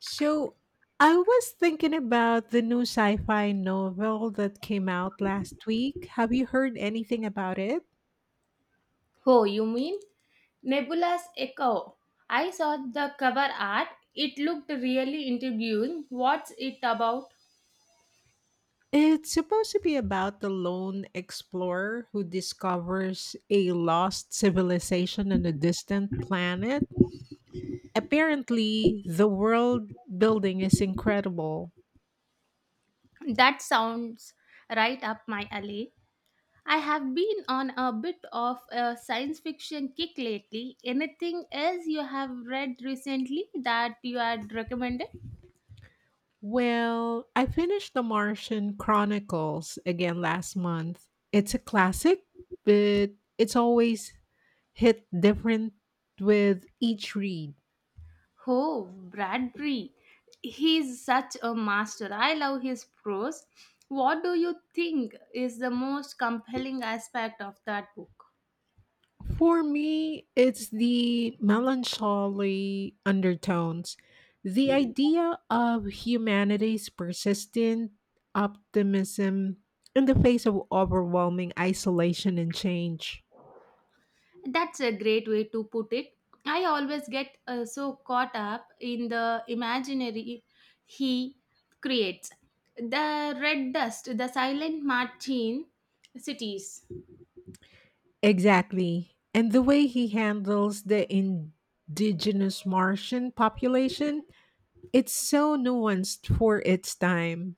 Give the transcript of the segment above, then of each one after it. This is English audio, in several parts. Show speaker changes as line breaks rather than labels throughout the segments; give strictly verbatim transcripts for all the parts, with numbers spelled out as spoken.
So I was thinking about the new sci fi novel that came out last week. Have you heard anything about it?
Oh, you mean Nebula's Echo? I saw the cover art. It looked really intriguing. What's it about?
It's supposed to be about the lone explorer who discovers a lost civilization on a distant planet. Apparently, the world building is incredible.
That sounds right up my alley. I have been on a bit of a science fiction kick lately. Anything else you have read recently that you had recommended?
Well, I finished The Martian Chronicles again last month. It's a classic, but it's always hit different with each read.
Oh, Bradbury. He's such a master. I love his prose. What do you think is the most compelling aspect of that book?
For me, it's the melancholy undertones, the idea of humanity's persistent optimism in the face of overwhelming isolation and change.
That's a great way to put it. I always get uh, so caught up in the imaginary he creates. The red dust, the silent Martin cities.
Exactly. And the way he handles the indigenous Martian population, it's so nuanced for its time.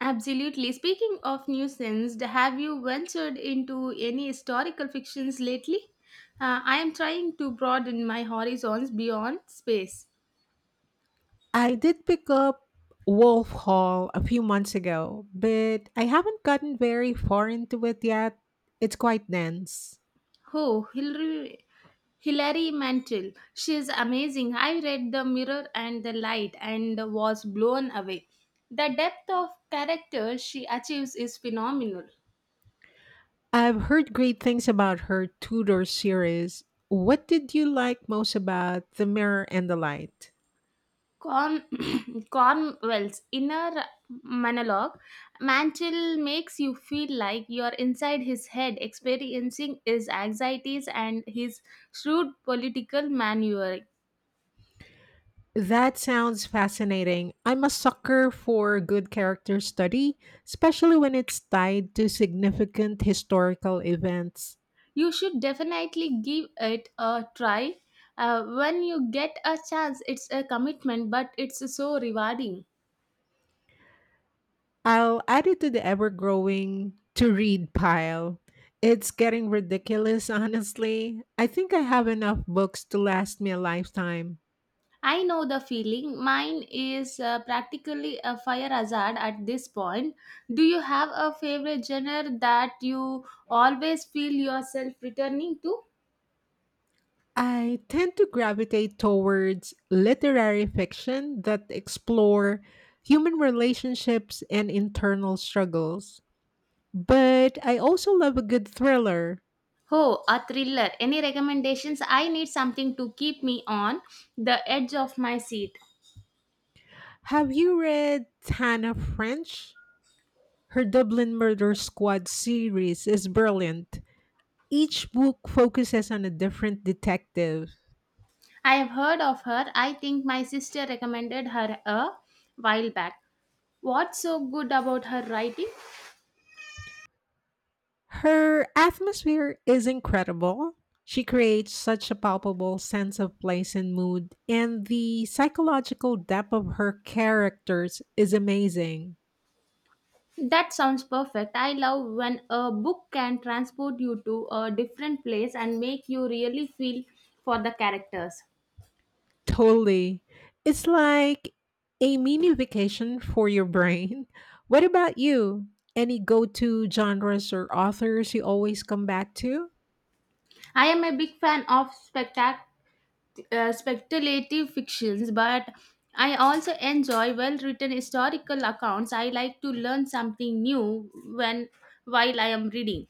Absolutely. Speaking of nuisance, have you ventured into any historical fictions lately? Uh, I am trying to broaden my horizons beyond space.
I did pick up Wolf Hall a few months ago, but I haven't gotten very far into it yet. It's quite dense.
Oh, Hillary, Hilary Mantel. She is amazing. I read The Mirror and the Light and was blown away. The depth of character she achieves is phenomenal.
I've heard great things about her Tudor series. What did you like most about The Mirror and the Light?
Corn, Cornwell's inner monologue, Mantle makes you feel like you're inside his head, experiencing his anxieties and his shrewd political maneuvering.
That sounds fascinating. I'm a sucker for good character study, especially when it's tied to significant historical events.
You should definitely give it a try. Uh, when you get a chance, it's a commitment, but it's so rewarding.
I'll add it to the ever growing to read pile. It's getting ridiculous, honestly. I think I have enough books to last me a lifetime.
I know the feeling. Mine is uh, practically a fire hazard at this point. Do you have a favorite genre that you always feel yourself returning to?
I tend to gravitate towards literary fiction that explore human relationships and internal struggles. But I also love a good thriller.
Oh, a thriller. Any recommendations? I need something to keep me on the edge of my seat.
Have you read Hannah French? Her Dublin Murder Squad series is brilliant. Each book focuses on a different detective.
I have heard of her. I think my sister recommended her a while back. What's so good about her writing?
Her atmosphere is incredible. She creates such a palpable sense of place and mood, and the psychological depth of her characters is amazing.
That sounds perfect. I love when a book can transport you to a different place and make you really feel for the characters.
Totally. It's like a mini vacation for your brain. What about you? Any go to genres or authors you always come back to?
I am a big fan of spectac- uh, speculative fictions, but I also enjoy well-written historical accounts. I like to learn something new when while I am reading.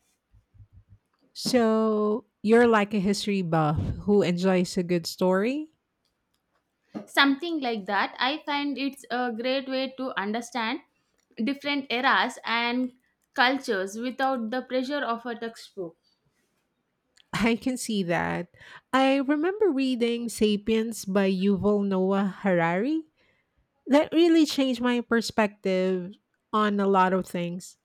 So you're like a history buff who enjoys a good story?
Something like that. I find it's a great way to understand different eras and cultures without the pressure of a textbook.
I can see that. I remember reading Sapiens by Yuval Noah Harari that really changed my perspective on a lot of things.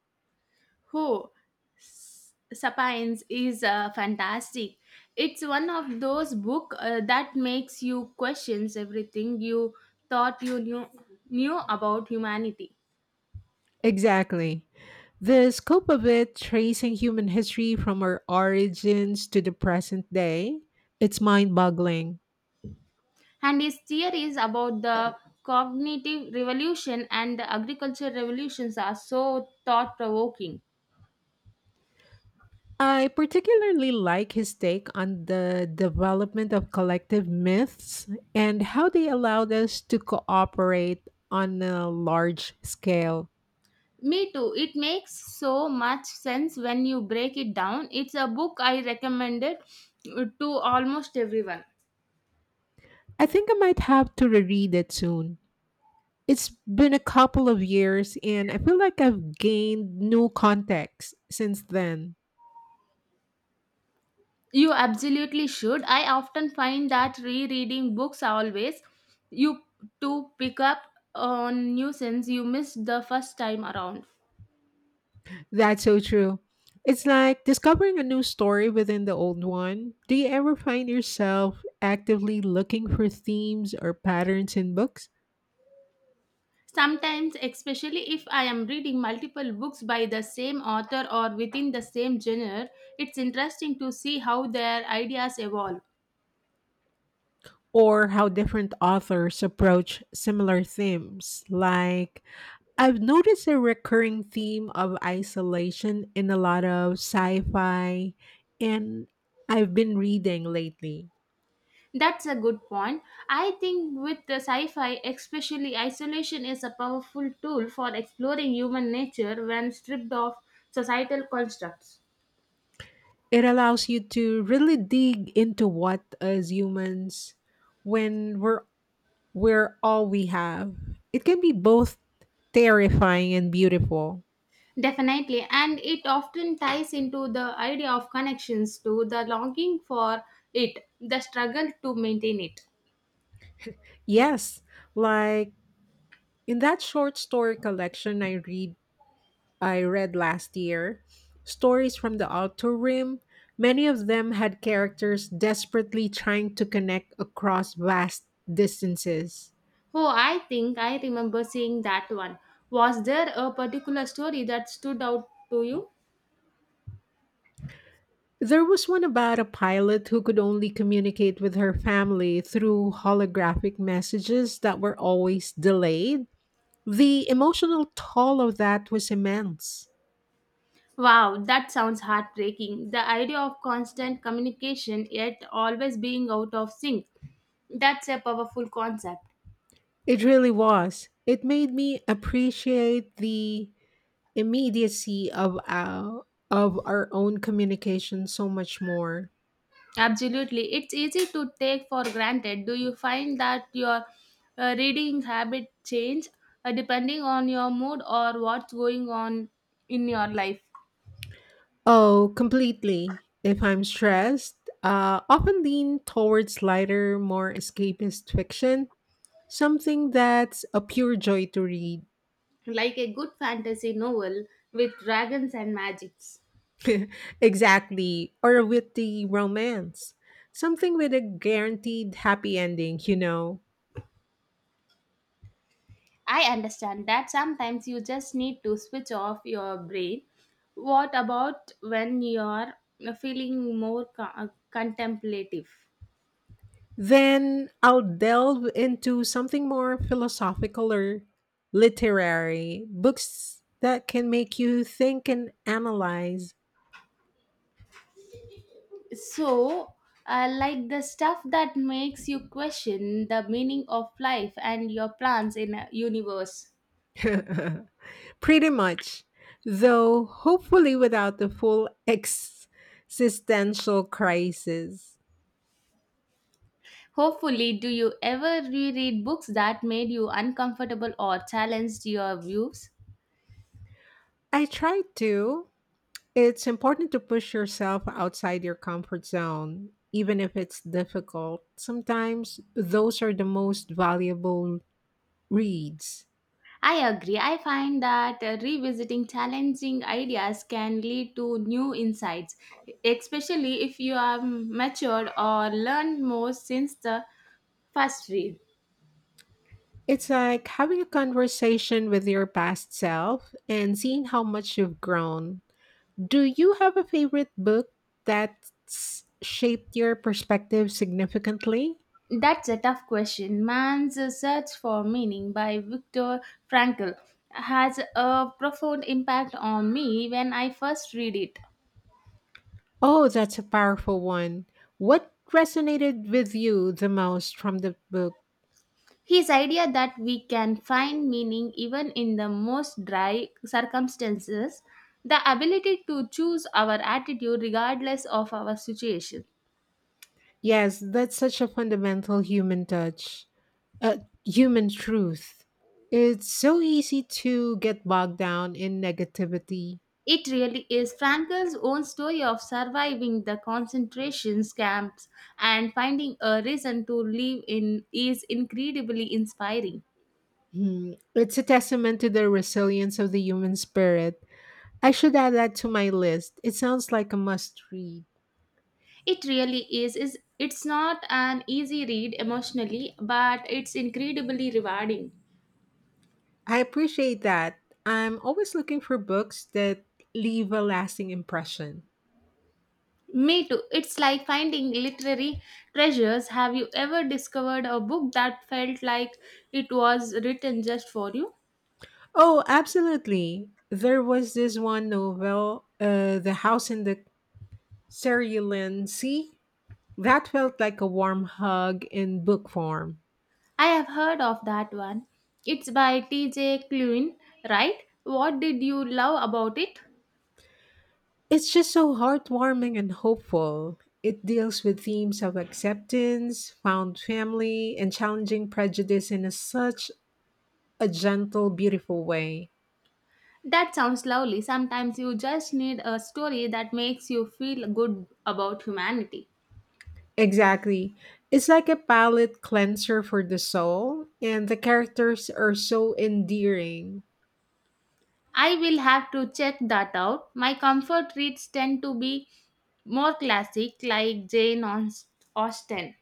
Oh, S- Sapiens is uh, fantastic. It's one of those book uh, that makes you questions everything you thought you knew knew about humanity.
Exactly. The scope of it, tracing human history from our origins to the present day, it's mind boggling.
And his theories about the cognitive revolution and the agriculture revolutions are so thought provoking.
I particularly like his take on the development of collective myths and how they allowed us to cooperate on a large scale.
Me too. It makes so much sense when you break it down. It's a book I recommended uh, to almost everyone.
I think I might have to reread it soon. It's been a couple of years and I feel like I've gained new context since then.
You absolutely should. I often find that rereading books always you to pick up on new sense you missed the first time around.
That's so true. It's like discovering a new story within the old one. Do you ever find yourself actively looking for themes or patterns in books?
Sometimes, especially if I am reading multiple books by the same author or within the same genre, it's interesting to see how their ideas evolve.
Or how different authors approach similar themes. Like, I've noticed a recurring theme of isolation in a lot of sci fi, and I've been reading lately.
That's a good point. I think with the sci-fi, especially isolation is a powerful tool for exploring human nature when stripped of societal constructs.
It allows you to really dig into what, as humans, when we're, we're all we have, it can be both terrifying and beautiful.
Definitely, and it often ties into the idea of connections to the longing for it, the struggle to maintain it.
Yes, like in that short story collection I read I read last year, stories from the Outer Rim, many of them had characters desperately trying to connect across vast distances.
Oh, I think I remember seeing that one. Was there a particular story that stood out to you?
There was one about a pilot who could only communicate with her family through holographic messages that were always delayed. The emotional toll of that was immense.
Wow, that sounds heartbreaking. The idea of constant communication yet always being out of sync. That's a powerful concept.
It really was. It made me appreciate the immediacy of our of our own communication so much more.
Absolutely. It's easy to take for granted. Do you find that your uh, reading habit change uh, depending on your mood or what's going on in your life?
Oh, completely. If I'm stressed, uh, often lean towards lighter, more escapist fiction, something that's a pure joy to read.
Like a good fantasy novel with dragons and magics.
Exactly, or a witty romance, something with a guaranteed happy ending. You know,
I understand that sometimes you just need to switch off your brain. What about when you're feeling more co- contemplative?
then I'll delve into something more philosophical or literary books that can make you think and analyze.
So, uh, like the stuff that makes you question the meaning of life and your plans in a universe.
Pretty much, though, hopefully without the full existential crisis.
Hopefully, do you ever reread books that made you uncomfortable or challenged your views?
I try to. It's important to push yourself outside your comfort zone, even if it's difficult. Sometimes those are the most valuable reads.
I agree. I find that uh, revisiting challenging ideas can lead to new insights, especially if you are matured or learned more since the first read.
It's like having a conversation with your past self and seeing how much you've grown. Do you have a favorite book that's shaped your perspective significantly?
That's a tough question. Man's Search for Meaning by Viktor Frankl has a profound impact on me when I first read it.
Oh, that's a powerful one. What resonated with you the most from the book?
His idea that we can find meaning even in the most dry circumstances, the ability to choose our attitude regardless of our situation.
Yes, that's such a fundamental human touch, uh, human truth. It's so easy to get bogged down in negativity.
It really is Frankl's own story of surviving the concentration camps and finding a reason to live in is incredibly inspiring.
Hmm, it's a testament to the resilience of the human spirit. I should add that to my list. It sounds like a must read.
It really is. Is it's not an easy read emotionally, but it's incredibly rewarding.
I appreciate that. I'm always looking for books that leave a lasting impression.
Me too. It's like finding literary treasures. Have you ever discovered a book that felt like it was written just for you?
Oh, absolutely. There was this one novel, uh, The House in the Cerulean Sea, that felt like a warm hug in book form.
I have heard of that one. It's by T J. Cluin, right? What did you love about it?
It's just so heartwarming and hopeful. It deals with themes of acceptance, found family, and challenging prejudice in a, such a gentle, beautiful way.
That sounds lovely. Sometimes you just need a story that makes you feel good about humanity.
Exactly. It's like a palate cleanser for the soul, and the characters are so endearing.
I will have to check that out. My comfort reads tend to be more classic, like Jane Aust- Austen.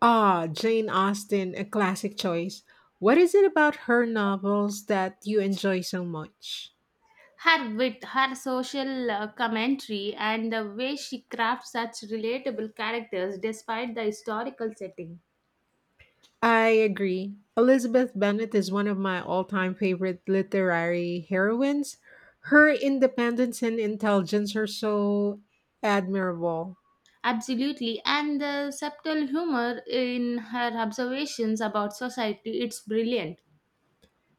Ah, Jane Austen, a classic choice. What is it about her novels that you enjoy so much?
Her wit, her social uh, commentary, and the way she crafts such relatable characters despite the historical setting.
I agree. Elizabeth Bennet is one of my all-time favorite literary heroines. Her independence and intelligence are so admirable.
Absolutely, and the subtle humor in her observations about society, it's brilliant.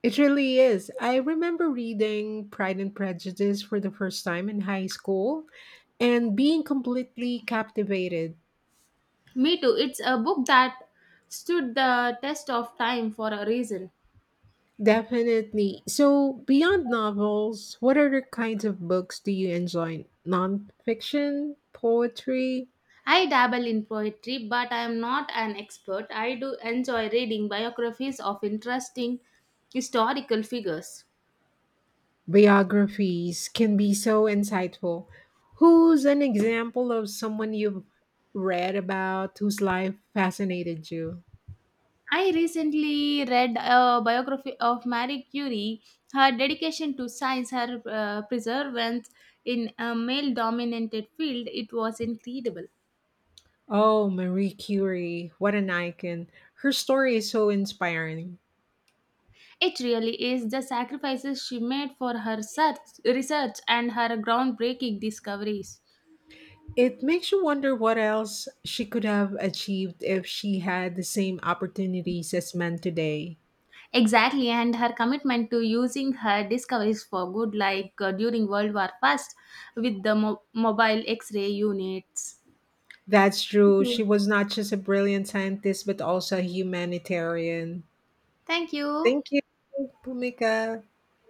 It really is. I remember reading Pride and Prejudice for the first time in high school and being completely captivated.
Me too, it's a book that stood the test of time for a reason.
Definitely. So, beyond novels, what other kinds of books do you enjoy? Nonfiction, poetry,
I dabble in poetry, but I am not an expert. I do enjoy reading biographies of interesting historical figures.
biographies can be so insightful. Who's an example of someone you've read about whose life fascinated you?
I recently read a biography of Marie Curie. Her dedication to science, her uh, perseverance in a male dominated field, it was incredible.
Oh, Marie Curie, what an icon. Her story is so inspiring.
It really is the sacrifices she made for her search, research and her groundbreaking discoveries.
It makes you wonder what else she could have achieved if she had the same opportunities as men today.
Exactly, and her commitment to using her discoveries for good, like uh, during World War I with the mo- mobile X ray units.
That's
Thank
true.
you.
She was not just a brilliant scientist, but also a humanitarian.
Thank you.
Thank you, Pumika.